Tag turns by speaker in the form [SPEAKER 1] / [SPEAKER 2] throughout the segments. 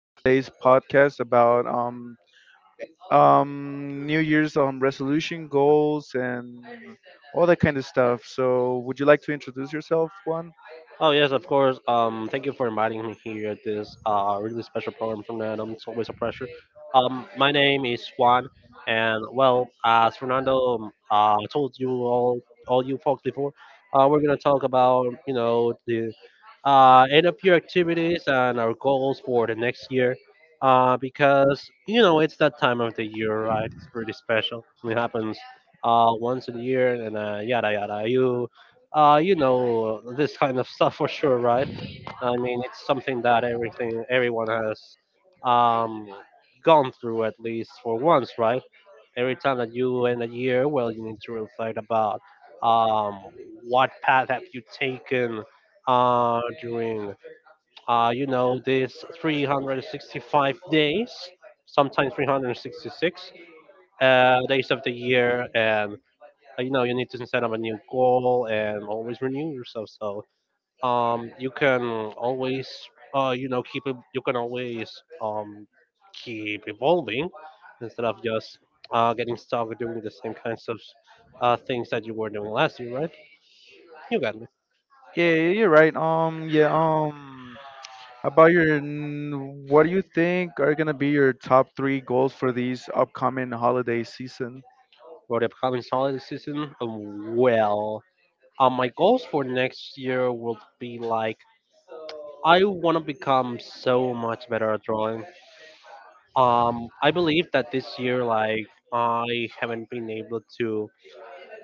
[SPEAKER 1] on today's podcast about New Year's resolution goals and all that kind of stuff. So, would you like to introduce yourself, Juan?
[SPEAKER 2] Oh yes, of course. Thank you for inviting me here at this really special program from Fernando. It's always a pleasure. My name is Juan, and well, as Fernando told you all you folks before, we're gonna talk about you know the end up your activities and our goals for the next year because you know it's that time of the year, right? It's pretty special. It happens once a year, and yada yada you you know, this kind of stuff for sure, right? I mean, it's something that everything everyone has um, gone through at least for once, right? Every time that you end a year, well, you need to reflect about um, what path have you taken during, you know, this 365 days, sometimes 366 days of the year, and you know, you need to set up a new goal and always renew yourself. So you can always you know you can always keep evolving instead of just getting stuck doing the same kinds of things that you were doing last year, right? You got me?
[SPEAKER 1] Yeah, yeah, you're right. Yeah, about what do you think are going to be your top three goals for these upcoming holiday season?
[SPEAKER 2] For the upcoming holiday season, well, my goals for next year would be like I want to become so much better at drawing. I believe that this year, like, I haven't been able to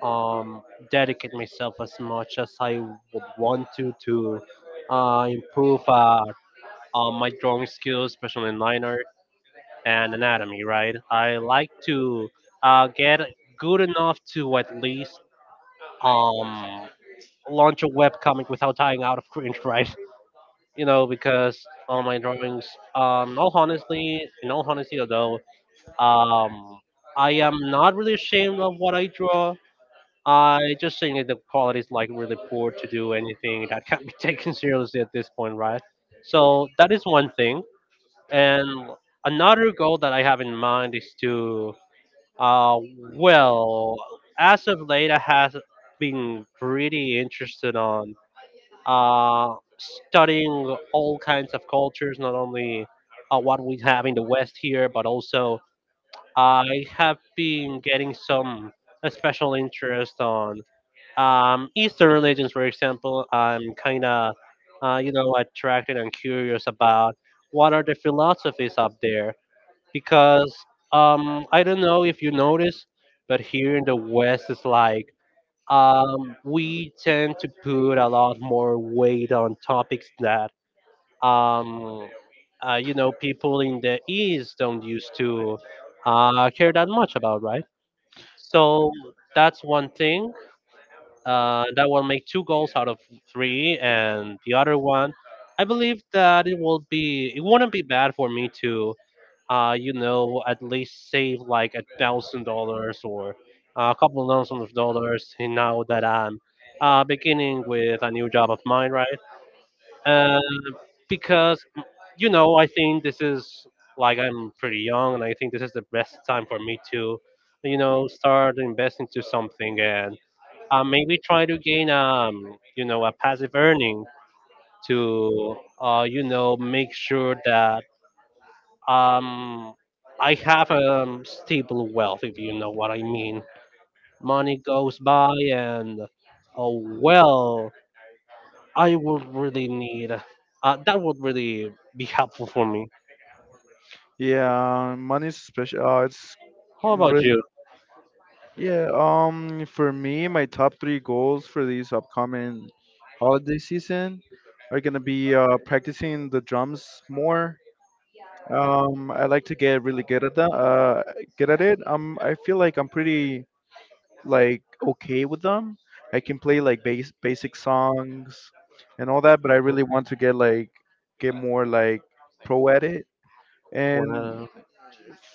[SPEAKER 2] um, dedicate myself as much as I would want to improve my drawing skills, especially in line art and anatomy. Right, I like to get good enough to at least um, launch a webcomic without dying out of cringe. Right, you know, because all my drawings, in all honesty, although um, I am not really ashamed of what I draw, I just think that the quality is like really poor to do anything that can be taken seriously at this point, right? So that is one thing. And another goal that I have in mind is to, uh, well, as of late, I have been pretty interested on studying all kinds of cultures, not only what we have in the West here, but also I have been getting some a special interest on Eastern religions. For example, I'm kind of, you know, attracted and curious about what are the philosophies up there because I don't know if you notice, but here in the West, it's like we tend to put a lot more weight on topics that um, you know people in the East don't used to care that much about, right? So that's one thing. That will make two goals out of three, and the other one, I believe that it will be. It wouldn't be bad for me to, you know, at least save like $1,000 or a couple of thousands of dollars now that I'm beginning with a new job of mine, right? Uh, because you know, I think this is like I'm pretty young, and I think this is the best time for me to, you know, start investing to something and maybe try to gain you know a passive earning to you know make sure that um I have a stable wealth, if you know what I mean. Money goes by and oh well I would really need that would really be helpful for me.
[SPEAKER 1] Yeah, money's special. It's
[SPEAKER 2] How about
[SPEAKER 1] really,
[SPEAKER 2] you?
[SPEAKER 1] yeah. For me, my top three goals for this upcoming holiday season are gonna be practicing the drums more. I like to get really good at that, good at it. I feel like I'm pretty like okay with them. I can play like base basic songs and all that, but I really want to get like get more like pro at it.
[SPEAKER 2] Well,
[SPEAKER 1] And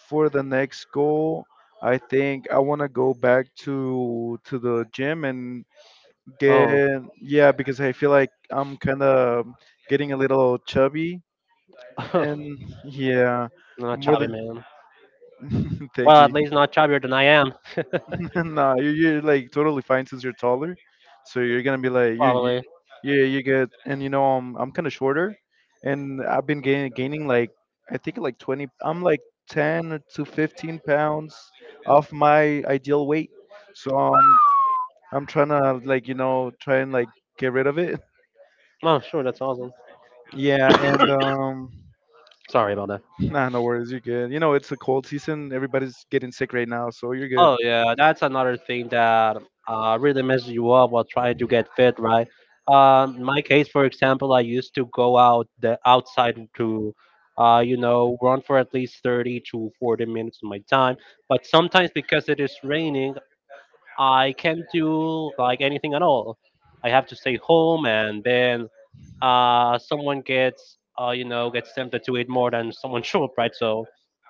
[SPEAKER 1] for the next goal, I think I want to go back to the gym and get
[SPEAKER 2] oh,
[SPEAKER 1] yeah because I feel like I'm kind of getting a little chubby
[SPEAKER 2] I'm
[SPEAKER 1] and yeah
[SPEAKER 2] a
[SPEAKER 1] more
[SPEAKER 2] chubby
[SPEAKER 1] than
[SPEAKER 2] man.
[SPEAKER 1] thank
[SPEAKER 2] Well, at
[SPEAKER 1] you.
[SPEAKER 2] least not chubbier than I am,
[SPEAKER 1] No, you, you're like totally fine since you're taller. So you're gonna be like you
[SPEAKER 2] probably.
[SPEAKER 1] yeah, you get and you know I'm kind of shorter, and I've been gaining like I think like 20. I'm like 10 to 15 pounds off my ideal weight. So I'm trying to like you know try and like get rid of it.
[SPEAKER 2] Oh, sure, that's awesome.
[SPEAKER 1] Yeah, and
[SPEAKER 2] Sorry about that.
[SPEAKER 1] nah, no worries, you're good. You know, it's a cold season. Everybody's getting sick right now, so you're good.
[SPEAKER 2] Oh yeah, that's another thing that really messes you up while trying to get fit, right? In my case, for example, I used to go out the outside to, you know, run for at least 30 to 40 minutes of my time. But sometimes because it is raining, I can't do like anything at all. I have to stay home and then someone gets you know gets tempted to eat more than someone should, right? So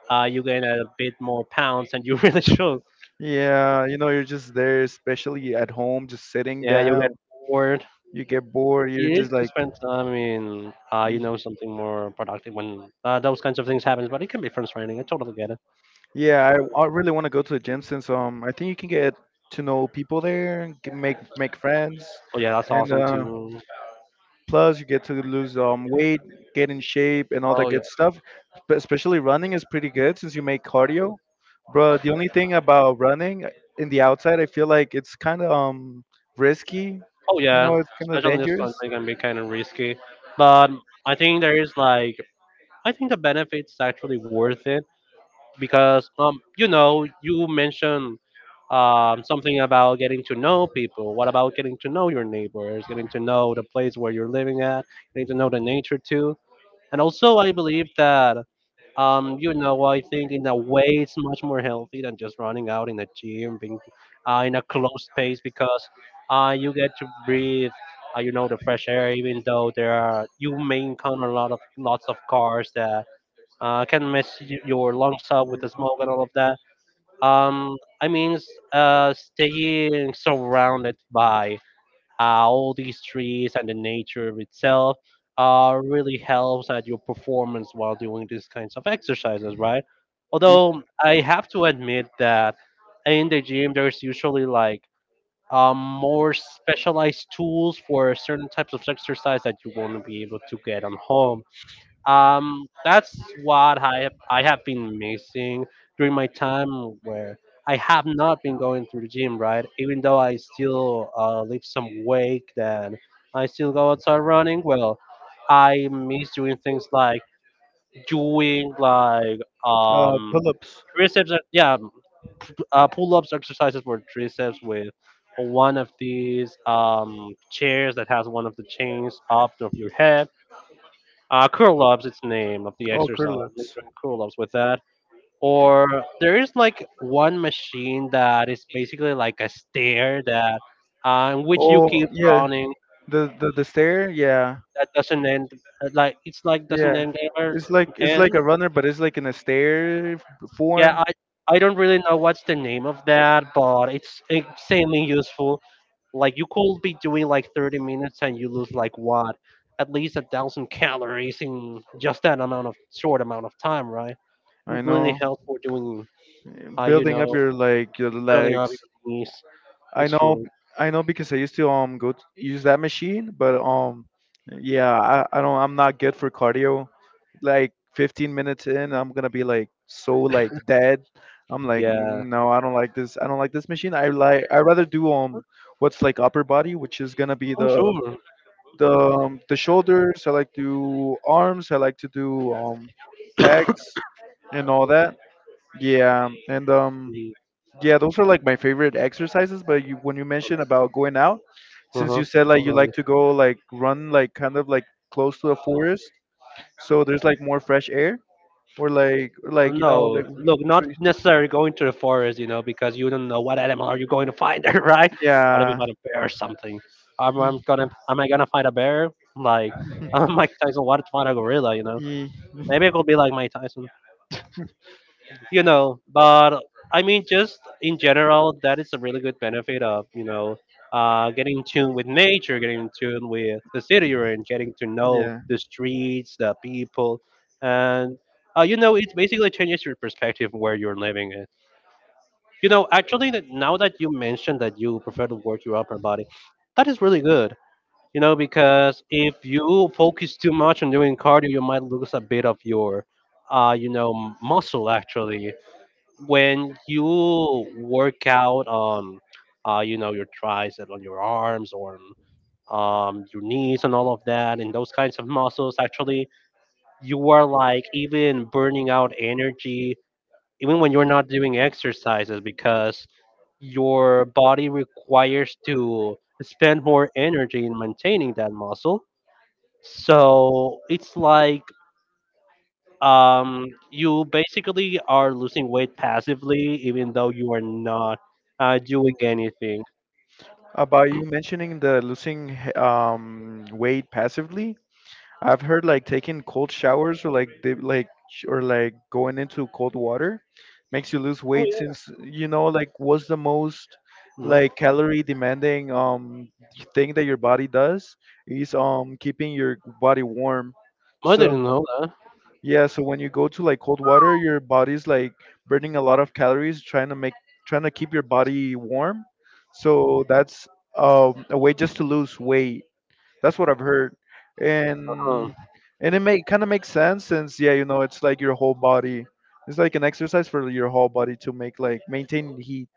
[SPEAKER 2] you gain a bit more pounds than you really should.
[SPEAKER 1] Yeah, you know, you're just there, especially at home, just sitting
[SPEAKER 2] Yeah, you
[SPEAKER 1] down.
[SPEAKER 2] get bored.
[SPEAKER 1] You get bored.
[SPEAKER 2] You
[SPEAKER 1] You're
[SPEAKER 2] need
[SPEAKER 1] just
[SPEAKER 2] to
[SPEAKER 1] like,
[SPEAKER 2] spend time in you
[SPEAKER 1] y-
[SPEAKER 2] know something more productive when those kinds of things happen. But it can be frustrating. I totally get it.
[SPEAKER 1] yeah, I really want to go to the gym since I think you can get to know people there, and make friends,
[SPEAKER 2] Oh yeah, that's
[SPEAKER 1] and
[SPEAKER 2] awesome too.
[SPEAKER 1] plus you get to lose weight, get in shape, and all
[SPEAKER 2] Oh
[SPEAKER 1] that
[SPEAKER 2] yeah,
[SPEAKER 1] good stuff. But especially running is pretty good since you make cardio. Bro, the only thing about running in the outside, I feel like it's kind of risky.
[SPEAKER 2] oh
[SPEAKER 1] You know,
[SPEAKER 2] yeah.
[SPEAKER 1] it's kind of
[SPEAKER 2] Especially in this
[SPEAKER 1] dangerous.
[SPEAKER 2] country can be kind of risky, but I think there is like I think the benefits actually worth it because you know you mentioned something about getting to know people. What about getting to know your neighbors, getting to know the place where you're living at, getting to know the nature too? And also, I believe that, you know, I think in a way it's much more healthy than just running out in a gym, being in a closed space because you get to breathe. You know the fresh air, even though there are you may encounter a lot of lots of cars that I can your lungs up with the smoke and all of that. Staying surrounded by all these trees and the nature itself really helps at your performance while doing these kinds of exercises, right?
[SPEAKER 1] You-
[SPEAKER 2] Although I have to admit that in the gym, there's usually like more specialized tools for certain types of exercise that you won't be able to get on home, that's what I have been missing during my time where I have not been going through the gym, right? Even though I still lift some weight then I still go outside running, well, I miss doing things like doing like
[SPEAKER 1] uh,
[SPEAKER 2] um
[SPEAKER 1] pull-ups.
[SPEAKER 2] yeah, pull-ups exercises for triceps with one of these chairs that has one of the chains up of your head. Kurlov's its name of the
[SPEAKER 1] Oh,
[SPEAKER 2] exercise,
[SPEAKER 1] Kurlos.
[SPEAKER 2] Mr. Kurlov's with that. Or there is like one machine that is basically like a stair that, in which you
[SPEAKER 1] Oh,
[SPEAKER 2] keep
[SPEAKER 1] yeah.
[SPEAKER 2] running
[SPEAKER 1] The stair, yeah,
[SPEAKER 2] that doesn't end. Like it's like doesn't
[SPEAKER 1] yeah.
[SPEAKER 2] end ever
[SPEAKER 1] It's like
[SPEAKER 2] end.
[SPEAKER 1] a runner, but it's like in a
[SPEAKER 2] Yeah,
[SPEAKER 1] form.
[SPEAKER 2] I don't really know what's the name of that, but it's insanely useful. Like you could be doing like 30 minutes and you lose like what, at least 1,000 calories in just that amount of short amount of time, right?
[SPEAKER 1] I
[SPEAKER 2] It really
[SPEAKER 1] know.
[SPEAKER 2] helps for doing,
[SPEAKER 1] Yeah,
[SPEAKER 2] you
[SPEAKER 1] building up
[SPEAKER 2] know,
[SPEAKER 1] your like your
[SPEAKER 2] building up your
[SPEAKER 1] legs.
[SPEAKER 2] knees.
[SPEAKER 1] I
[SPEAKER 2] It's
[SPEAKER 1] know,
[SPEAKER 2] true.
[SPEAKER 1] I know because I used to go t use that machine, but yeah, I'm not good for cardio. Like 15 minutes in I'm gonna be like so like dead. I'm like
[SPEAKER 2] Yeah.
[SPEAKER 1] yeah. No, I don't like this machine. I like, I rather do what's like upper body, which is gonna be
[SPEAKER 2] Oh,
[SPEAKER 1] the
[SPEAKER 2] sure.
[SPEAKER 1] the shoulders. I like to do arms, I like to do pecs and all that. Yeah, and
[SPEAKER 2] Mm.
[SPEAKER 1] yeah, those are like my favorite exercises. But you, when you mentioned about going out, since
[SPEAKER 2] Uh-huh.
[SPEAKER 1] you said like you
[SPEAKER 2] Totally.
[SPEAKER 1] like to go like run like kind of like close to the forest, so there's like more fresh air or like you know
[SPEAKER 2] No,
[SPEAKER 1] like
[SPEAKER 2] look, not
[SPEAKER 1] trees.
[SPEAKER 2] necessarily going to the forest, you know, because you don't know what animal are you going to find there, right? What if you
[SPEAKER 1] Yeah.
[SPEAKER 2] find a bear or something? Am I gonna find a bear? Like, I'm Mike Tyson. What if I find a gorilla? You know,
[SPEAKER 1] Ye-
[SPEAKER 2] maybe it could be like Mike Tyson. You know, but I mean, just in general, that is a really good benefit of, you know, getting in tune with nature, getting in tune with the city you're in, getting to know
[SPEAKER 1] yeah.
[SPEAKER 2] the streets, the people, and you know, it basically changes your perspective where you're living in. You know, actually, that now that you mentioned that you prefer to work your upper body, that is really good, you know, because if you focus too much on doing cardio you might lose a bit of your you know muscle. Actually, when you work out on you know your tricep on your arms or your knees and all of that, and those kinds of muscles actually, you are like even burning out energy even when you're not doing exercises, because your body requires to spend more energy in maintaining that muscle. So it's like you basically are losing weight passively, even though you are not doing anything.
[SPEAKER 1] About you mentioning the losing weight passively, I've heard like taking cold showers or like or like going into cold water makes you lose weight, since you know like what's the most
[SPEAKER 2] Mm.
[SPEAKER 1] like calorie demanding thing that your body does is keeping your body warm.
[SPEAKER 2] I
[SPEAKER 1] So
[SPEAKER 2] didn't know that.
[SPEAKER 1] yeah, so when you go to like cold water, your body's like burning a lot of calories trying to make trying to keep your body warm. So that's a way just to lose weight. That's what I've heard,
[SPEAKER 2] Uh-huh.
[SPEAKER 1] and it may kind of makes sense since yeah, you know, it's like your whole body. It's like an exercise for your whole body to make like maintain heat.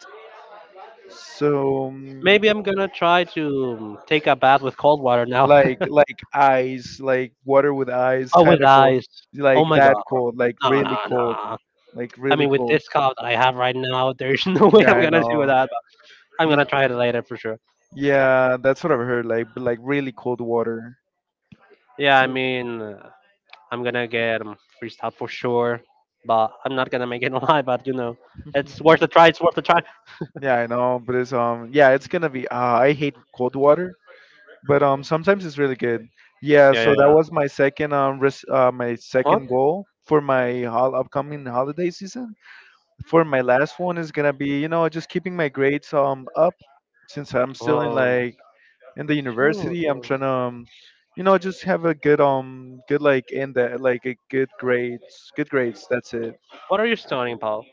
[SPEAKER 1] So
[SPEAKER 2] Maybe I'm gonna try to take a bath with cold water now.
[SPEAKER 1] like ice, like water with ice,
[SPEAKER 2] Oh,
[SPEAKER 1] kind
[SPEAKER 2] with
[SPEAKER 1] of cold,
[SPEAKER 2] ice. Oh
[SPEAKER 1] like
[SPEAKER 2] my
[SPEAKER 1] that
[SPEAKER 2] god, bro.
[SPEAKER 1] cold, like
[SPEAKER 2] No,
[SPEAKER 1] really
[SPEAKER 2] no,
[SPEAKER 1] cold,
[SPEAKER 2] no.
[SPEAKER 1] like
[SPEAKER 2] I
[SPEAKER 1] really
[SPEAKER 2] mean, with
[SPEAKER 1] cold.
[SPEAKER 2] this cough that I have right now, there's no way I'm
[SPEAKER 1] Yeah, I
[SPEAKER 2] gonna do
[SPEAKER 1] know.
[SPEAKER 2] that. But I'm
[SPEAKER 1] Y-
[SPEAKER 2] gonna try it later for sure.
[SPEAKER 1] Yeah, that's what I've heard. Like, but, like really cold water.
[SPEAKER 2] Yeah, I mean, I'm gonna get freezed out for sure, but I'm not gonna make it alive. But you know, it's worth a try. It's worth a try.
[SPEAKER 1] Yeah, I know, but it's yeah, it's gonna be. I hate cold water, but sometimes it's really good. Yeah,
[SPEAKER 2] Yeah,
[SPEAKER 1] so
[SPEAKER 2] yeah,
[SPEAKER 1] that
[SPEAKER 2] yeah.
[SPEAKER 1] was my second my
[SPEAKER 2] Huh?
[SPEAKER 1] second goal for my upcoming holiday season. For my last one is gonna be, you know, just keeping my grades up, since I'm still in
[SPEAKER 2] Um,
[SPEAKER 1] like in the
[SPEAKER 2] oh,
[SPEAKER 1] university. I'm
[SPEAKER 2] oh.
[SPEAKER 1] trying to, you know, just have a good good like in that like a good grades. That's it.
[SPEAKER 2] What are you studying, Paul?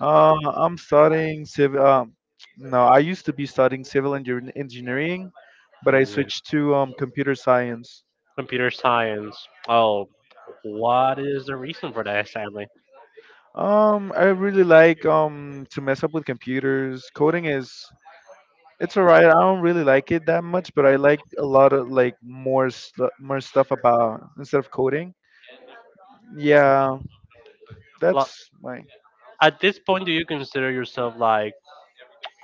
[SPEAKER 1] I'm studying civil. No, I used to be studying engineering, but I
[SPEAKER 2] Engineers.
[SPEAKER 1] switched to computer science.
[SPEAKER 2] Computer science. Oh, what is the reason for that, sadly?
[SPEAKER 1] I really like to mess up with computers. Coding is it's alright. I don't really like it that much, but I like a lot of like more stuff about instead of coding. Yeah,
[SPEAKER 2] Lo-
[SPEAKER 1] that's my.
[SPEAKER 2] At this point, do you consider yourself like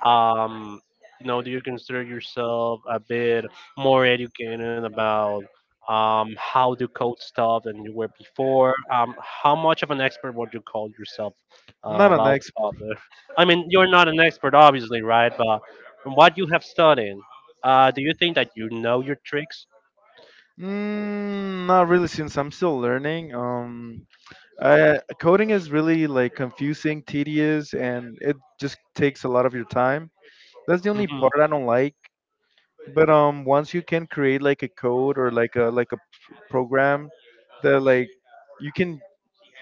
[SPEAKER 2] um, you know, do you consider yourself a bit more educated about how to code stuff than you were before? How much of an expert would you call yourself
[SPEAKER 1] Not an
[SPEAKER 2] about the
[SPEAKER 1] expert.
[SPEAKER 2] topic? I mean, you're not an expert, obviously, right? But from what you have studied, do you think that you know your tricks?
[SPEAKER 1] Mm, not really, since I'm still learning. I, coding is really like confusing, tedious, and it just takes a lot of your time. That's the only
[SPEAKER 2] Mhm.
[SPEAKER 1] part I don't like. But once you can create like a code or like a program that like you can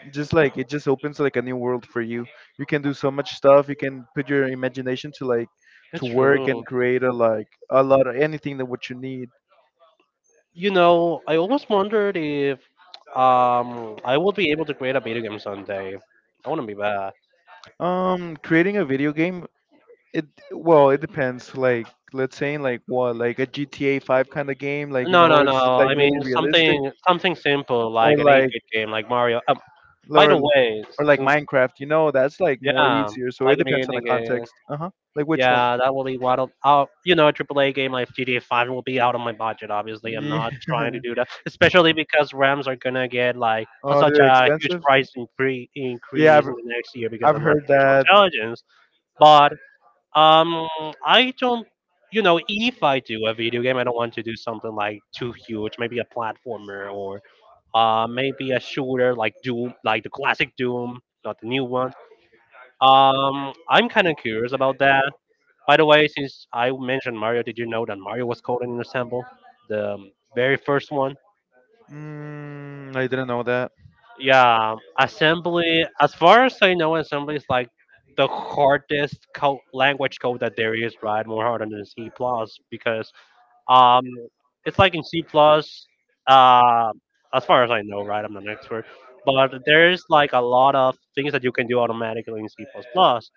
[SPEAKER 1] just like it just opens like a new world for you. You can do so much stuff. You can put your imagination to to
[SPEAKER 2] It's
[SPEAKER 1] work
[SPEAKER 2] true.
[SPEAKER 1] and create a like a lot of anything that what you need.
[SPEAKER 2] You know, I always wondered if I will be able to create a video game someday. I want to be bad.
[SPEAKER 1] Creating a video game, it well, it depends. Like, let's say in like what, like a GTA 5 kind of game, like you
[SPEAKER 2] No,
[SPEAKER 1] know,
[SPEAKER 2] no,
[SPEAKER 1] it's
[SPEAKER 2] no.
[SPEAKER 1] like
[SPEAKER 2] I
[SPEAKER 1] really
[SPEAKER 2] mean
[SPEAKER 1] realistic,
[SPEAKER 2] something simple like
[SPEAKER 1] or
[SPEAKER 2] an
[SPEAKER 1] like
[SPEAKER 2] 8-bit game like Mario. By
[SPEAKER 1] or,
[SPEAKER 2] the way,
[SPEAKER 1] or like
[SPEAKER 2] s-
[SPEAKER 1] Minecraft, you know, that's like more
[SPEAKER 2] Yeah,
[SPEAKER 1] easier. So it
[SPEAKER 2] like an
[SPEAKER 1] depends on the
[SPEAKER 2] 8-bit game.
[SPEAKER 1] context. Uh huh. Like which one?
[SPEAKER 2] Yeah, that will be what you know, a triple-A game like GTA 5 will be out of my budget. Obviously, I'm
[SPEAKER 1] Yeah.
[SPEAKER 2] not trying to do that, especially because RAMs are gonna get like
[SPEAKER 1] Oh,
[SPEAKER 2] such
[SPEAKER 1] they're
[SPEAKER 2] a huge
[SPEAKER 1] expensive.
[SPEAKER 2] price
[SPEAKER 1] Yeah,
[SPEAKER 2] increase in the next year because
[SPEAKER 1] I've
[SPEAKER 2] of
[SPEAKER 1] heard
[SPEAKER 2] artificial
[SPEAKER 1] that.
[SPEAKER 2] intelligence. But Um, I don't. You know, if I do a video game, I don't want to do something like too huge. Maybe a platformer or maybe a shooter like Doom, like the classic Doom, not the new one. I'm kind of curious about that. By the way, since I mentioned Mario, did you know that Mario was coded in Assemble, the very first one?
[SPEAKER 1] Mm, I didn't know that.
[SPEAKER 2] Yeah, assembly. As far as I know, assembly is like the hardest language code that there is, right? More harder than C plus because Um, it's like in C plus. Uh, as far as I know, right? I'm not an expert, but there's like a lot of things that you can do automatically in C plus plus.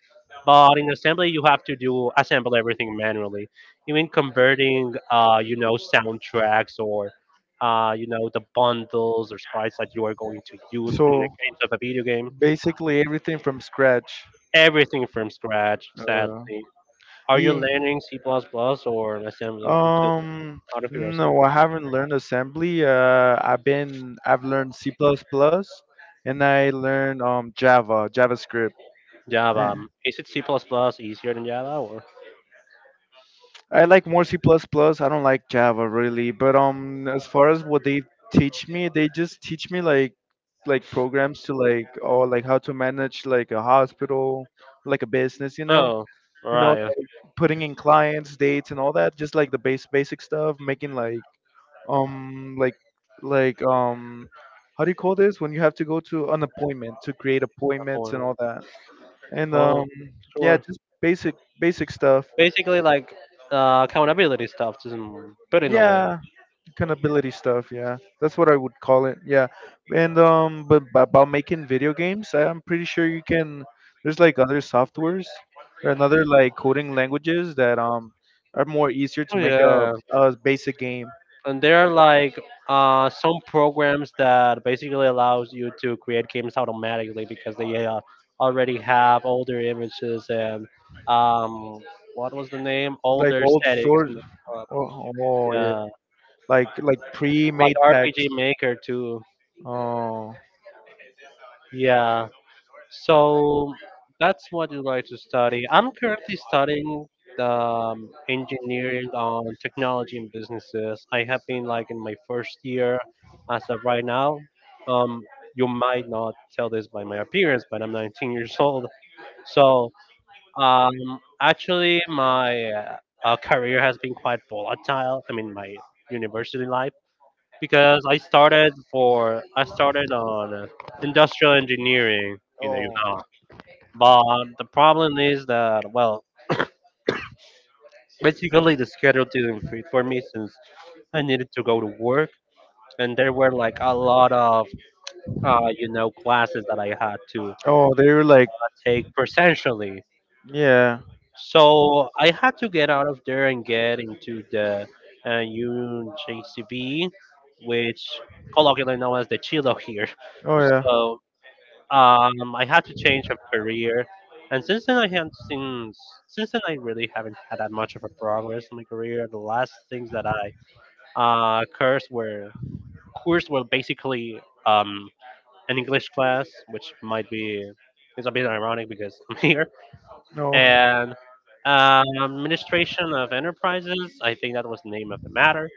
[SPEAKER 2] But in assembly, you have to do assemble everything manually, even converting, you know, soundtracks or, you know, the bundles or sprites that you are going to use in the
[SPEAKER 1] So.
[SPEAKER 2] case of a video game.
[SPEAKER 1] Basically everything from scratch.
[SPEAKER 2] Everything from scratch,
[SPEAKER 1] Uh,
[SPEAKER 2] exactly. Are you
[SPEAKER 1] yeah.
[SPEAKER 2] learning C plus plus or assembly?
[SPEAKER 1] Um,
[SPEAKER 2] Out of curiosity.
[SPEAKER 1] no, I haven't learned assembly. I've learned C++ plus plus, and I learned Java, JavaScript.
[SPEAKER 2] Java.
[SPEAKER 1] A-
[SPEAKER 2] Is it C++ plus plus easier than Java or?
[SPEAKER 1] I like more C++ plus plus. I don't like Java really, but as far as what they teach me, they just teach me like programs to like or like how to manage like a hospital, like a business,
[SPEAKER 2] Oh,
[SPEAKER 1] you know,
[SPEAKER 2] right. That's
[SPEAKER 1] like, putting in clients, dates, and all that. Just like the base basic stuff, making like um like like how do you call this, when you have to go to an appointment to create
[SPEAKER 2] my
[SPEAKER 1] appointments and
[SPEAKER 2] point.
[SPEAKER 1] all that. And
[SPEAKER 2] Oh,
[SPEAKER 1] yeah,
[SPEAKER 2] sure.
[SPEAKER 1] just basic stuff.
[SPEAKER 2] Basically, like accountability stuff, just put in a way.
[SPEAKER 1] Yeah, accountability stuff, yeah, that's what I would call it, yeah. And but about making video games, I'm pretty sure you can, there's like other softwares or another like coding languages that are more easier to
[SPEAKER 2] Oh
[SPEAKER 1] make
[SPEAKER 2] yeah,
[SPEAKER 1] a basic game
[SPEAKER 2] and there are like some programs that basically allows you to create games automatically because they already have all their images and um, what was the name? All
[SPEAKER 1] like
[SPEAKER 2] their
[SPEAKER 1] old
[SPEAKER 2] settings.
[SPEAKER 1] source.
[SPEAKER 2] Uh,
[SPEAKER 1] Oh, oh yeah,
[SPEAKER 2] yeah,
[SPEAKER 1] like
[SPEAKER 2] like
[SPEAKER 1] pre-made packs.
[SPEAKER 2] RPG Maker too.
[SPEAKER 1] Oh.
[SPEAKER 2] Yeah. So that's what you like to study. I'm currently studying engineering on technology and businesses. I have been like in my first year as of right now. Um, you might not tell this by my appearance, but I'm 19 years old. So um, actually, my career has been quite volatile. I mean, my university life because I started on industrial engineering in the
[SPEAKER 1] Oh,
[SPEAKER 2] UNAM, but the problem is that, well, basically the schedule didn't fit for me since I needed to go to work, and there were like a lot of, you know, classes that I had to
[SPEAKER 1] oh they were like
[SPEAKER 2] take presentially.
[SPEAKER 1] yeah
[SPEAKER 2] So I had to get out of there and get into the UJCB, which colloquially known as the Chilo here.
[SPEAKER 1] oh yeah
[SPEAKER 2] So I had to change of career, and since then I haven't seen. Since then I really haven't had that much of a progress in my career. The last things that I uh cursed were cursed were basically um an English class, which might be it's a bit ironic because I'm here
[SPEAKER 1] no.
[SPEAKER 2] and administration of enterprises. I think that was the name of the matter.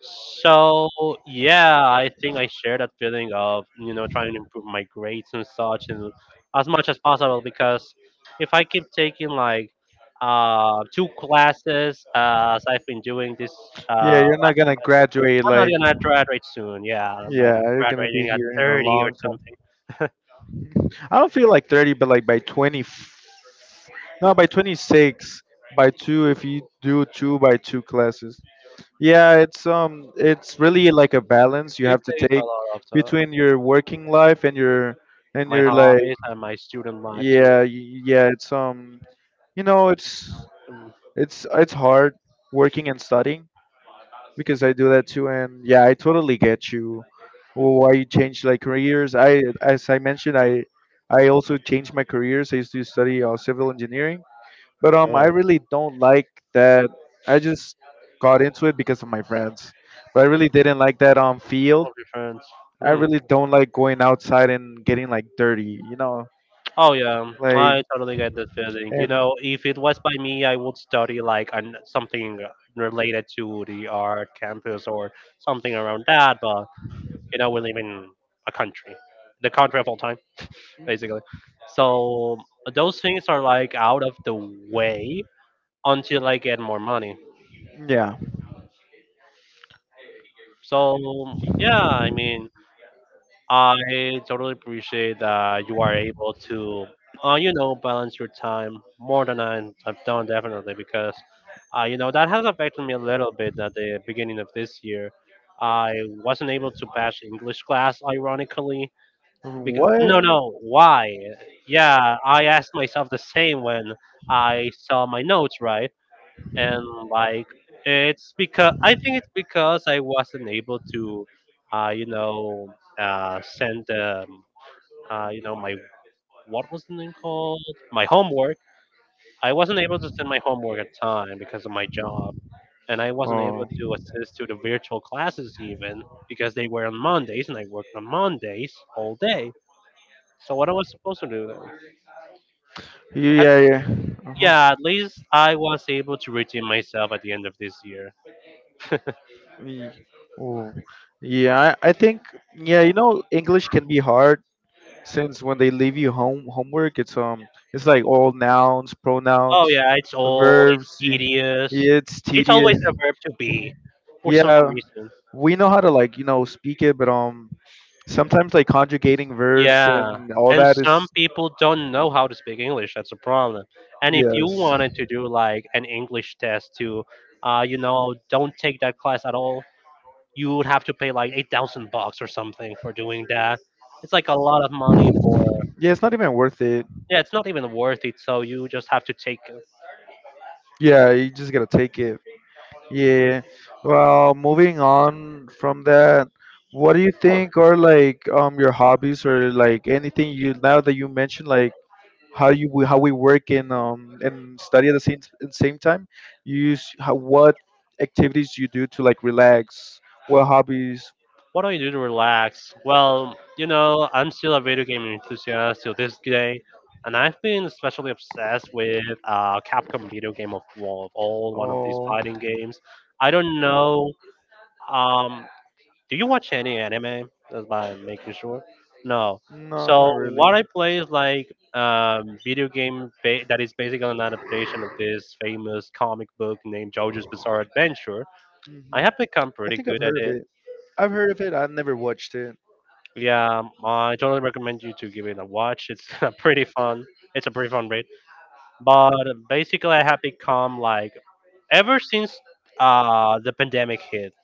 [SPEAKER 2] So yeah, I think I share that feeling of you know trying to improve my grades and such, and as much as possible because if I keep taking like two classes as I've been doing this
[SPEAKER 1] Yeah, you're not
[SPEAKER 2] last
[SPEAKER 1] gonna
[SPEAKER 2] semester,
[SPEAKER 1] graduate
[SPEAKER 2] I'm not
[SPEAKER 1] like
[SPEAKER 2] gonna graduate soon. Yeah, I might
[SPEAKER 1] yeah,
[SPEAKER 2] be
[SPEAKER 1] you're gonna be
[SPEAKER 2] graduating at
[SPEAKER 1] here in a
[SPEAKER 2] 30 or
[SPEAKER 1] long
[SPEAKER 2] something.
[SPEAKER 1] time. I don't feel like 30, but like by 20, no, by 26, by two if you do two by two classes. Yeah, it's really like a balance you
[SPEAKER 2] It
[SPEAKER 1] have to
[SPEAKER 2] takes
[SPEAKER 1] take
[SPEAKER 2] a lot of time.
[SPEAKER 1] between your working life and
[SPEAKER 2] My
[SPEAKER 1] your like
[SPEAKER 2] hobbies and my student life too.
[SPEAKER 1] yeah yeah it's you know
[SPEAKER 2] Mm.
[SPEAKER 1] it's hard working and studying, because I do that too, and yeah, I totally get you. Well, why you change like careers? As I mentioned, I also changed my careers. I used to study civil engineering, but I
[SPEAKER 2] Yeah,
[SPEAKER 1] really don't like that. I just got into it because of my friends, but I really didn't like that field.
[SPEAKER 2] friends.
[SPEAKER 1] I
[SPEAKER 2] Hmm.
[SPEAKER 1] really don't like going outside and getting like dirty, you know,
[SPEAKER 2] Oh yeah,
[SPEAKER 1] like
[SPEAKER 2] I totally get that feeling. You
[SPEAKER 1] and
[SPEAKER 2] know, if it was by me, I would study like an, something related to the art campus or something around that. But you know, we live in a country, the country of all time, basically. So those things are like out of the way until I get more money.
[SPEAKER 1] yeah,
[SPEAKER 2] So yeah, I mean, I totally appreciate that you are able to, you know, balance your time more than I have done definitely because, you know, that has affected me a little bit at the beginning of this year. I wasn't able to pass English class, ironically, because no,
[SPEAKER 1] what?
[SPEAKER 2] no, why? Yeah, I asked myself the same when I saw my notes, right? And like it's because I think it's because I wasn't able to, you know, send you know, my what was the name called? my homework. I wasn't able to send my homework at time because of my job, and I wasn't able
[SPEAKER 1] Oh.
[SPEAKER 2] to assist to the virtual classes even because they were on
[SPEAKER 1] on this,
[SPEAKER 2] Mondays, and I worked on
[SPEAKER 1] on
[SPEAKER 2] Mondays
[SPEAKER 1] this,
[SPEAKER 2] all
[SPEAKER 1] there.
[SPEAKER 2] day.
[SPEAKER 1] So
[SPEAKER 2] So
[SPEAKER 1] what
[SPEAKER 2] what I was
[SPEAKER 1] was,
[SPEAKER 2] supposed to do? Then?
[SPEAKER 1] yeah, yeah. Uh-huh. Yeah,
[SPEAKER 2] Yeah, at least I was able to redeem myself at the end of this year.
[SPEAKER 1] Ye- Oh. Yeah, I think yeah, you know, English can be hard since when they leave you homework, it's like all pronouns,
[SPEAKER 2] Oh
[SPEAKER 1] yeah,
[SPEAKER 2] yeah, it's
[SPEAKER 1] it's
[SPEAKER 2] old,
[SPEAKER 1] verbs.
[SPEAKER 2] it's
[SPEAKER 1] Tedious.
[SPEAKER 2] tedious.
[SPEAKER 1] Yeah, it's always
[SPEAKER 2] It's
[SPEAKER 1] tedious.
[SPEAKER 2] always
[SPEAKER 1] A
[SPEAKER 2] the verb to
[SPEAKER 1] version.
[SPEAKER 2] be for some
[SPEAKER 1] Yeah,
[SPEAKER 2] reason.
[SPEAKER 1] we know how to like, you know, speak it, but sometimes like conjugating yeah, verbs
[SPEAKER 2] Yeah.
[SPEAKER 1] and all
[SPEAKER 2] And
[SPEAKER 1] that is
[SPEAKER 2] some people don't know how to speak English. That's a problem. And if you
[SPEAKER 1] yes.
[SPEAKER 2] wanted to do like an English test to, you know, don't take that class at all, you would have to pay like 8,000 bucks or something for doing that. It's like a lot of money for.
[SPEAKER 1] Yeah, it's not even worth it.
[SPEAKER 2] Yeah, it's not even worth it. So you just have to take it.
[SPEAKER 1] Yeah, you just gotta take it. Yeah. Well, moving on from that, what do you think are like your hobbies or like anything you, now that you mentioned like how how we work and study at the same at same time? You use how, what activities you do to like relax? What hobbies?
[SPEAKER 2] What do you do to relax? Well, you know, I'm still a video game enthusiast till this day, and I've been especially obsessed with Capcom video game of War of all one of these
[SPEAKER 1] Oh,
[SPEAKER 2] fighting games. I don't know. Um, do you watch any anime? That's by making sure. No.
[SPEAKER 1] no, not
[SPEAKER 2] So what I
[SPEAKER 1] really.
[SPEAKER 2] play is like video that is basically an adaptation of this famous comic book named JoJo's Bizarre Adventure.
[SPEAKER 1] Hmm,
[SPEAKER 2] I have become
[SPEAKER 1] I
[SPEAKER 2] pretty
[SPEAKER 1] think I've
[SPEAKER 2] good at
[SPEAKER 1] heard of
[SPEAKER 2] it.
[SPEAKER 1] it. I've heard of it. I've never watched it.
[SPEAKER 2] Yeah, I totally recommend you to give it a watch. It's a pretty fun. It's a pretty fun raid. But basically, I have become like ever since the pandemic hit.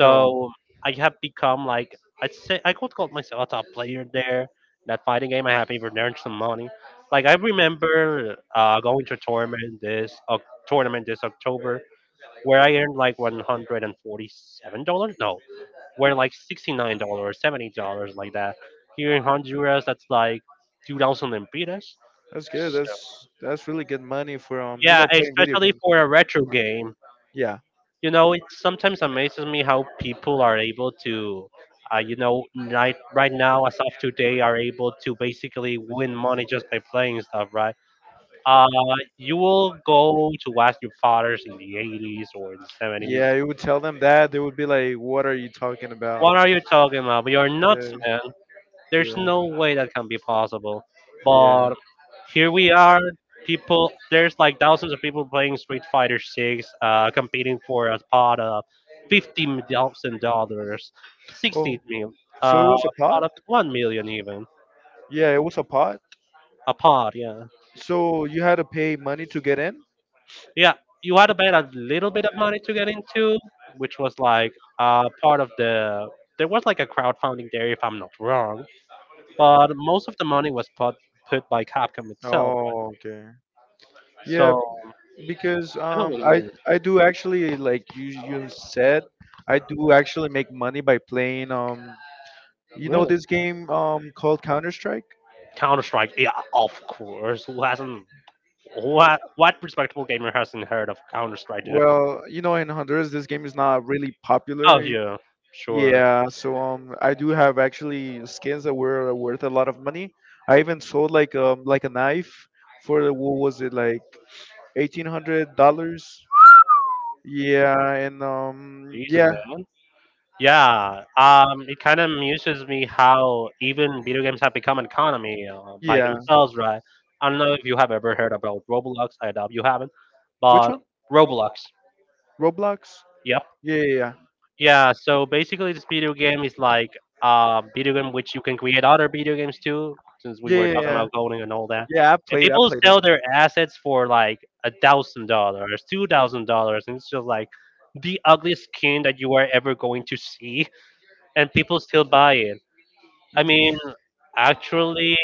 [SPEAKER 1] No,
[SPEAKER 2] I have become like I'd say I could call myself a top player there. That fighting game, I have even earned some money. Like I remember going to a tournament this October where I earned like $147. No, were like $69, dollars, $70 like that. Here in Honduras, that's like 2,000 lempiras.
[SPEAKER 1] that's good. That's really good money for you
[SPEAKER 2] Yeah,
[SPEAKER 1] know, playing video
[SPEAKER 2] especially
[SPEAKER 1] games.
[SPEAKER 2] for a retro game.
[SPEAKER 1] Yeah,
[SPEAKER 2] You know, it sometimes amazes me how people are able to, you know, right now, as of today, are able to basically win money just by playing stuff, right? Uh, you will go to ask your fathers in the 80s or in the 70s.
[SPEAKER 1] yeah. You would tell them that they would be like, "What are you talking about?"
[SPEAKER 2] What are you talking about? But you're nuts,
[SPEAKER 1] Yeah,
[SPEAKER 2] man. There's
[SPEAKER 1] yeah,
[SPEAKER 2] no way that can be possible.
[SPEAKER 1] yeah.
[SPEAKER 2] But here we are. People, there's like thousands of people playing Street Fighter Six, competing for a pot of $50,000,
[SPEAKER 1] Oh,
[SPEAKER 2] 60 mil,
[SPEAKER 1] so it
[SPEAKER 2] uh,
[SPEAKER 1] was a
[SPEAKER 2] pot
[SPEAKER 1] pot?
[SPEAKER 2] of 1 million even,
[SPEAKER 1] Yeah, it was a pot.
[SPEAKER 2] a pot. Yeah,
[SPEAKER 1] So you had to pay money to get in?
[SPEAKER 2] yeah. You had to bet a little bit of money to get into, which was like part of the. There was like a crowdfunding there, if I'm not wrong, but most of the money was put by Capcom itself, right?
[SPEAKER 1] Oh, okay. Yeah,
[SPEAKER 2] So
[SPEAKER 1] because
[SPEAKER 2] I don't
[SPEAKER 1] I
[SPEAKER 2] win.
[SPEAKER 1] I do actually like you said I do actually make money by playing you know
[SPEAKER 2] Really?
[SPEAKER 1] this game called Counter Strike.
[SPEAKER 2] Counter Strike. Yeah, of course. Who hasn't? What? What respectable gamer hasn't heard of Counter Strike, dude?
[SPEAKER 1] Well, you know in Honduras this game is not really
[SPEAKER 2] Oh
[SPEAKER 1] popular.
[SPEAKER 2] yeah, sure.
[SPEAKER 1] Yeah, so I do have actually skins that were worth a lot of money. I even sold like a knife for what was it like $1,800. Yeah, and
[SPEAKER 2] Jesus,
[SPEAKER 1] yeah,
[SPEAKER 2] man. Yeah. It kind of amuses me how even video games have become an economy by
[SPEAKER 1] yeah.
[SPEAKER 2] themselves, right? I don't know if you have ever heard about Roblox. I doubt you haven't,
[SPEAKER 1] Which
[SPEAKER 2] but
[SPEAKER 1] one?
[SPEAKER 2] Roblox.
[SPEAKER 1] Roblox.
[SPEAKER 2] Yep.
[SPEAKER 1] Yeah, yeah,
[SPEAKER 2] Yeah. So basically, this video game is like a video game which you can create other video games too. Since we
[SPEAKER 1] yeah,
[SPEAKER 2] were
[SPEAKER 1] yeah, yeah.
[SPEAKER 2] talking
[SPEAKER 1] Yeah,
[SPEAKER 2] about coding and all that. And
[SPEAKER 1] I
[SPEAKER 2] people
[SPEAKER 1] played it.
[SPEAKER 2] sell their assets for like $1,000, $2,000, and it's just like the ugliest skin that you are ever going to see, and people still buy it. I mean,
[SPEAKER 1] Mhm.
[SPEAKER 2] actually,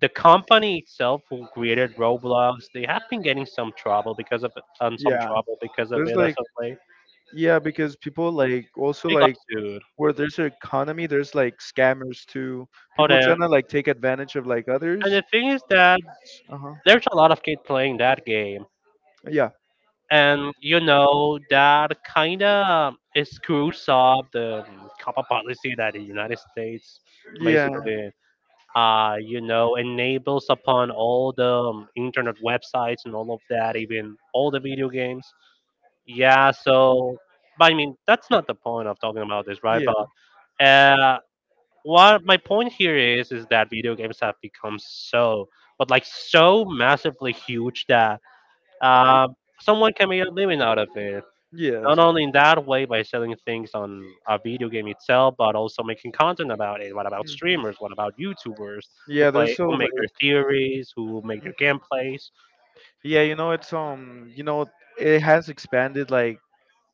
[SPEAKER 2] the company itself who created Roblox, they have been getting some trouble because of
[SPEAKER 1] Yeah, there's
[SPEAKER 2] it or
[SPEAKER 1] like
[SPEAKER 2] something.
[SPEAKER 1] yeah because people like also
[SPEAKER 2] They got
[SPEAKER 1] like
[SPEAKER 2] sued.
[SPEAKER 1] where there's an economy, there's like scammers too.
[SPEAKER 2] Oh,
[SPEAKER 1] People
[SPEAKER 2] that.
[SPEAKER 1] trying to like take advantage of like
[SPEAKER 2] And
[SPEAKER 1] others.
[SPEAKER 2] the thing is that
[SPEAKER 1] Uh huh.
[SPEAKER 2] there's a lot of kids playing that game.
[SPEAKER 1] Yeah,
[SPEAKER 2] And you know that kind of screws up the COPPA policy that the United States
[SPEAKER 1] yeah,
[SPEAKER 2] basically, you know, enables upon all the internet websites and all of that, even all the video games. Yeah, so but I mean that's not the point of talking about this, right? But
[SPEAKER 1] yeah.
[SPEAKER 2] uh, what my point here is that video games have become so, but like so massively huge that uh, someone can make a living out of it not only in that way by selling things on a video game itself, but also making content about it. What about
[SPEAKER 1] Yes.
[SPEAKER 2] streamers? What about YouTubers who
[SPEAKER 1] Yeah, there's
[SPEAKER 2] play,
[SPEAKER 1] so
[SPEAKER 2] who
[SPEAKER 1] like
[SPEAKER 2] make their theories, who make their gameplays?
[SPEAKER 1] yeah, you know it's you know it has expanded like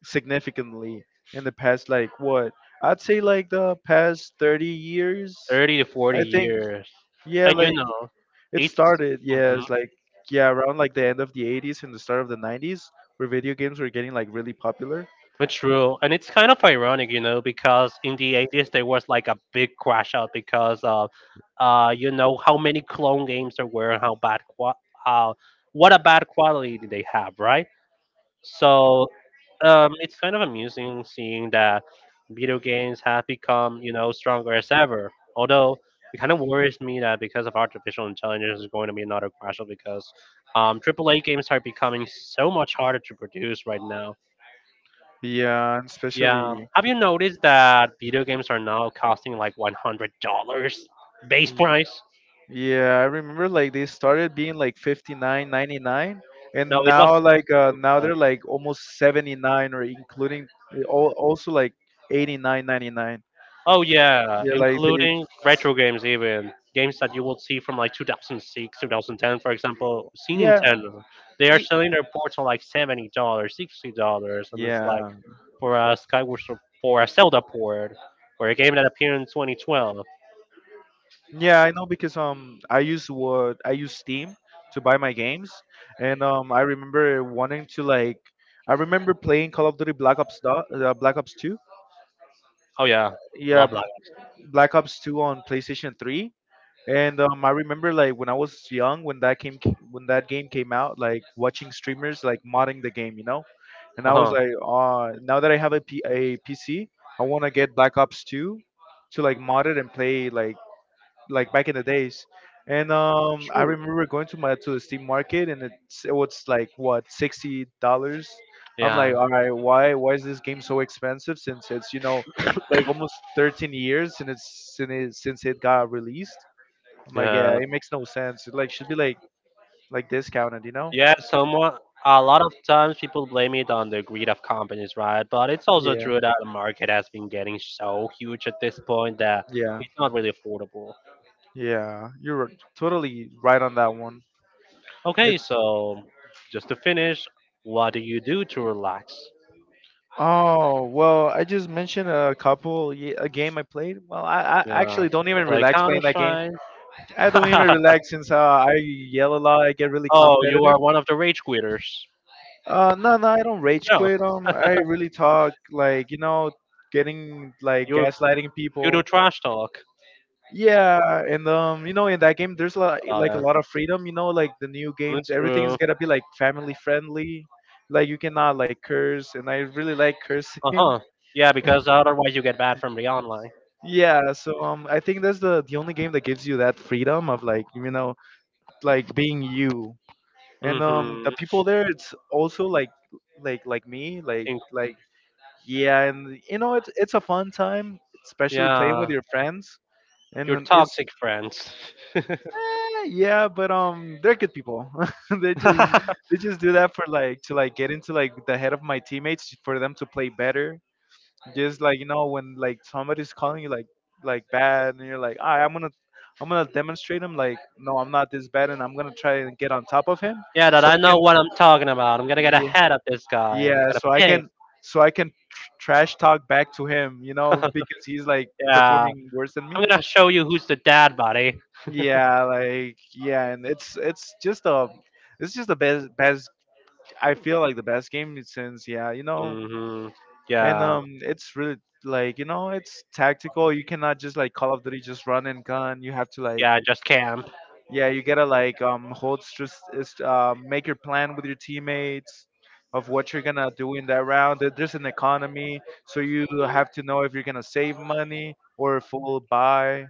[SPEAKER 1] significantly in the past like what? I'd say like the past 30 years.
[SPEAKER 2] 30 to forty
[SPEAKER 1] I think
[SPEAKER 2] years,
[SPEAKER 1] yeah,
[SPEAKER 2] and you
[SPEAKER 1] like
[SPEAKER 2] know,
[SPEAKER 1] it
[SPEAKER 2] it's
[SPEAKER 1] started yeah,
[SPEAKER 2] mhm,
[SPEAKER 1] it's like yeah, around like the end of the 80s and the start of the 90s where video games were getting like really popular.
[SPEAKER 2] it's true, and it's kind of ironic, you know, because in the eighties there was like a big crash out because of, you know, how many clone games there were, and how how what a bad quality did they have, right? So it's kind of amusing seeing that video games have become, you know, stronger as ever. Although it kind of worries me that because of artificial intelligence, is going to be another crash because AAA games are becoming so much harder to produce right now.
[SPEAKER 1] Yeah, and especially
[SPEAKER 2] Yeah, have you noticed that video games are now costing like $100 base price?
[SPEAKER 1] yeah, I remember like they started being like 59.99, and
[SPEAKER 2] No, it was.
[SPEAKER 1] now like now
[SPEAKER 2] uh,
[SPEAKER 1] they're like almost 79 or including all, also like 89.99.
[SPEAKER 2] Oh yeah,
[SPEAKER 1] Yeah, like they
[SPEAKER 2] including retro games, even games that you will see from like 2006, 2010, for example. See
[SPEAKER 1] yeah.
[SPEAKER 2] Nintendo, they are
[SPEAKER 1] ye-
[SPEAKER 2] selling their ports for like $70, $60, and it's like
[SPEAKER 1] Yeah.
[SPEAKER 2] for a Skyward Sword, for a Zelda port, or a game that appeared in 2012.
[SPEAKER 1] Yeah, I know because I use what I use Steam to buy my games and I remember wanting to like I remember playing Call of Duty Black Ops Black Ops 2.
[SPEAKER 2] Oh yeah,
[SPEAKER 1] Yeah,
[SPEAKER 2] love that.
[SPEAKER 1] Black Ops 2 on PlayStation 3. And I remember like when I was young, when that game came out, like watching streamers like modding the game, you know. And
[SPEAKER 2] Uh
[SPEAKER 1] I was
[SPEAKER 2] huh.
[SPEAKER 1] like, now that I have a, a PC, I want to get Black Ops 2 to like mod it and play like back in the days. And I remember going to the Steam market, and it was like what $60. I'm like,
[SPEAKER 2] Yeah.
[SPEAKER 1] all right, why is this game so expensive? Since it's you know like almost 13 years since since it got released. I'm like,
[SPEAKER 2] Yeah.
[SPEAKER 1] yeah, it makes no sense. It like should be like discounted, you know?
[SPEAKER 2] Yeah, somewhat. A lot of times people blame it on the greed of companies, right? But it's also
[SPEAKER 1] Yeah,
[SPEAKER 2] true that the market has been getting so huge at this point that
[SPEAKER 1] yeah,
[SPEAKER 2] it's not really affordable.
[SPEAKER 1] yeah. You're totally right on that one.
[SPEAKER 2] Okay,
[SPEAKER 1] It's
[SPEAKER 2] so just to finish, what do you do to relax?
[SPEAKER 1] oh well, I just mentioned a game I played. Well, I
[SPEAKER 2] Yeah,
[SPEAKER 1] actually don't even
[SPEAKER 2] play
[SPEAKER 1] relax
[SPEAKER 2] Counter
[SPEAKER 1] playing that game.
[SPEAKER 2] Strike.
[SPEAKER 1] I don't even relax since I yell a lot. I get really
[SPEAKER 2] Oh, you
[SPEAKER 1] competitive.
[SPEAKER 2] are one of the rage quitters.
[SPEAKER 1] No, no, I don't rage
[SPEAKER 2] No,
[SPEAKER 1] quit. I really talk like you know, getting like
[SPEAKER 2] you
[SPEAKER 1] gaslighting
[SPEAKER 2] you do
[SPEAKER 1] people.
[SPEAKER 2] trash talk.
[SPEAKER 1] Yeah, and you know, in that game, there's like a
[SPEAKER 2] Lana.
[SPEAKER 1] lot of freedom. You know, like the new games,
[SPEAKER 2] That's
[SPEAKER 1] everything is
[SPEAKER 2] true.
[SPEAKER 1] gonna be like family friendly. Like you cannot like curse, and I really like
[SPEAKER 2] Uh
[SPEAKER 1] cursing.
[SPEAKER 2] huh. Yeah, because otherwise you get banned from the online.
[SPEAKER 1] Yeah, so I think that's the only game that gives you that freedom of like you know like being you, and the
[SPEAKER 2] Hmm.
[SPEAKER 1] people there, it's also like like me, like
[SPEAKER 2] Think-
[SPEAKER 1] like yeah, and you know, it's a fun time, especially playing with
[SPEAKER 2] yeah,
[SPEAKER 1] your friends, and
[SPEAKER 2] your
[SPEAKER 1] then it's
[SPEAKER 2] toxic friends.
[SPEAKER 1] Yeah, but they're good people. they just they just do that for like to like get into like the head of my teammates for them to play better. Just like you know when like somebody's calling you like bad and you're like, all right, I'm gonna demonstrate him like no, I'm not this bad and I'm gonna try and get on top of him
[SPEAKER 2] yeah, that
[SPEAKER 1] so
[SPEAKER 2] I
[SPEAKER 1] I can
[SPEAKER 2] know what I'm talking about. I'm gonna get
[SPEAKER 1] yeah
[SPEAKER 2] ahead of this guy. I'm
[SPEAKER 1] yeah
[SPEAKER 2] gonna
[SPEAKER 1] so I
[SPEAKER 2] ping.
[SPEAKER 1] can trash talk back to him you know because he's like
[SPEAKER 2] Yeah,
[SPEAKER 1] performing worse than me.
[SPEAKER 2] I'm gonna show you who's the dad, buddy.
[SPEAKER 1] Yeah, like yeah, and it's just a it's just the best I feel like the best game since yeah, you know.
[SPEAKER 2] Hmm.
[SPEAKER 1] And
[SPEAKER 2] Yeah,
[SPEAKER 1] it's really like, you know, it's tactical. You cannot just like Call of Duty just run and gun. You have to like
[SPEAKER 2] yeah, just Cam.
[SPEAKER 1] yeah, you gotta like hold stress is make your plan with your teammates of what you're gonna do in that round. There's an economy, so you have to know if you're gonna save money or full buy,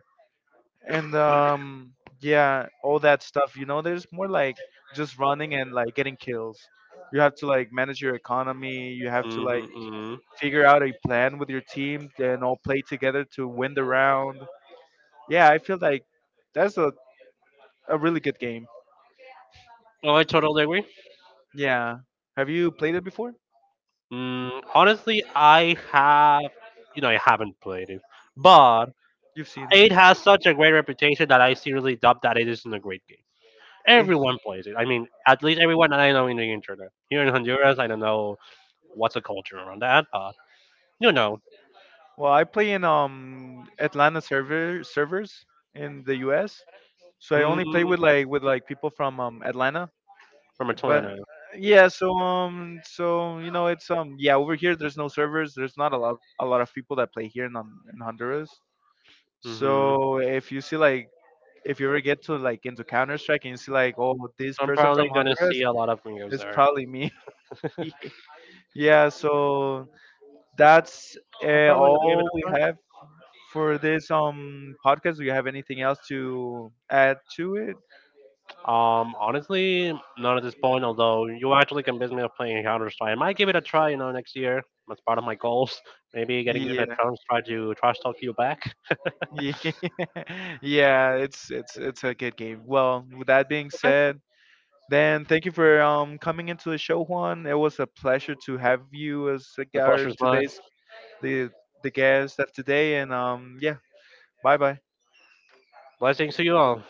[SPEAKER 1] and yeah all that stuff you know there's more like just running and like getting kills. You have to like manage your economy, you have to like
[SPEAKER 2] Mm-hmm, mm-hmm.
[SPEAKER 1] figure out a plan with your team and all play together to win the round. Yeah, I feel like that's a really good game.
[SPEAKER 2] Oh, I totally agree.
[SPEAKER 1] Yeah, have you played it before?
[SPEAKER 2] Mm, honestly, I have, you know, I haven't played it, but
[SPEAKER 1] You've seen
[SPEAKER 2] it has such a great reputation that I seriously doubt that it isn't a great game. Everyone plays it. I mean, at least everyone that I know in the internet. Here in Honduras, I don't know what's the culture around that, but you know,
[SPEAKER 1] well I play in Atlanta servers in the US, so I
[SPEAKER 2] mm,
[SPEAKER 1] only play with like with people from Atlanta.
[SPEAKER 2] from a
[SPEAKER 1] But
[SPEAKER 2] tornado.
[SPEAKER 1] yeah so so you know it's yeah over here there's no servers, there's not a lot a lot of people that play here in, in Honduras.
[SPEAKER 2] Mm-hmm.
[SPEAKER 1] So if you see like if you ever get to like into Counter Strike and you see like oh this
[SPEAKER 2] So I'm
[SPEAKER 1] person
[SPEAKER 2] probably
[SPEAKER 1] from
[SPEAKER 2] gonna
[SPEAKER 1] Honduras,
[SPEAKER 2] see a lot of gringos
[SPEAKER 1] it's
[SPEAKER 2] there.
[SPEAKER 1] probably me. Yeah, so that's
[SPEAKER 2] I'm probably gonna give it
[SPEAKER 1] all
[SPEAKER 2] a
[SPEAKER 1] we
[SPEAKER 2] try.
[SPEAKER 1] have for this podcast. Do you have anything else to add to it?
[SPEAKER 2] Honestly, not at this point. Although you actually convinced me of playing Counter Strike, I might give it a try. You know, next year. That's part of my goals. Maybe getting you to
[SPEAKER 1] Yeah.
[SPEAKER 2] try to trash talk you back.
[SPEAKER 1] Yeah, yeah, it's it's a good game. Well, with that being
[SPEAKER 2] Okay.
[SPEAKER 1] said, then thank you for coming into the show, Juan. It was a pleasure to have you as a
[SPEAKER 2] The
[SPEAKER 1] our
[SPEAKER 2] pressure's mine.
[SPEAKER 1] today's the the guest of today, and yeah, bye bye.
[SPEAKER 2] Blessings to you all.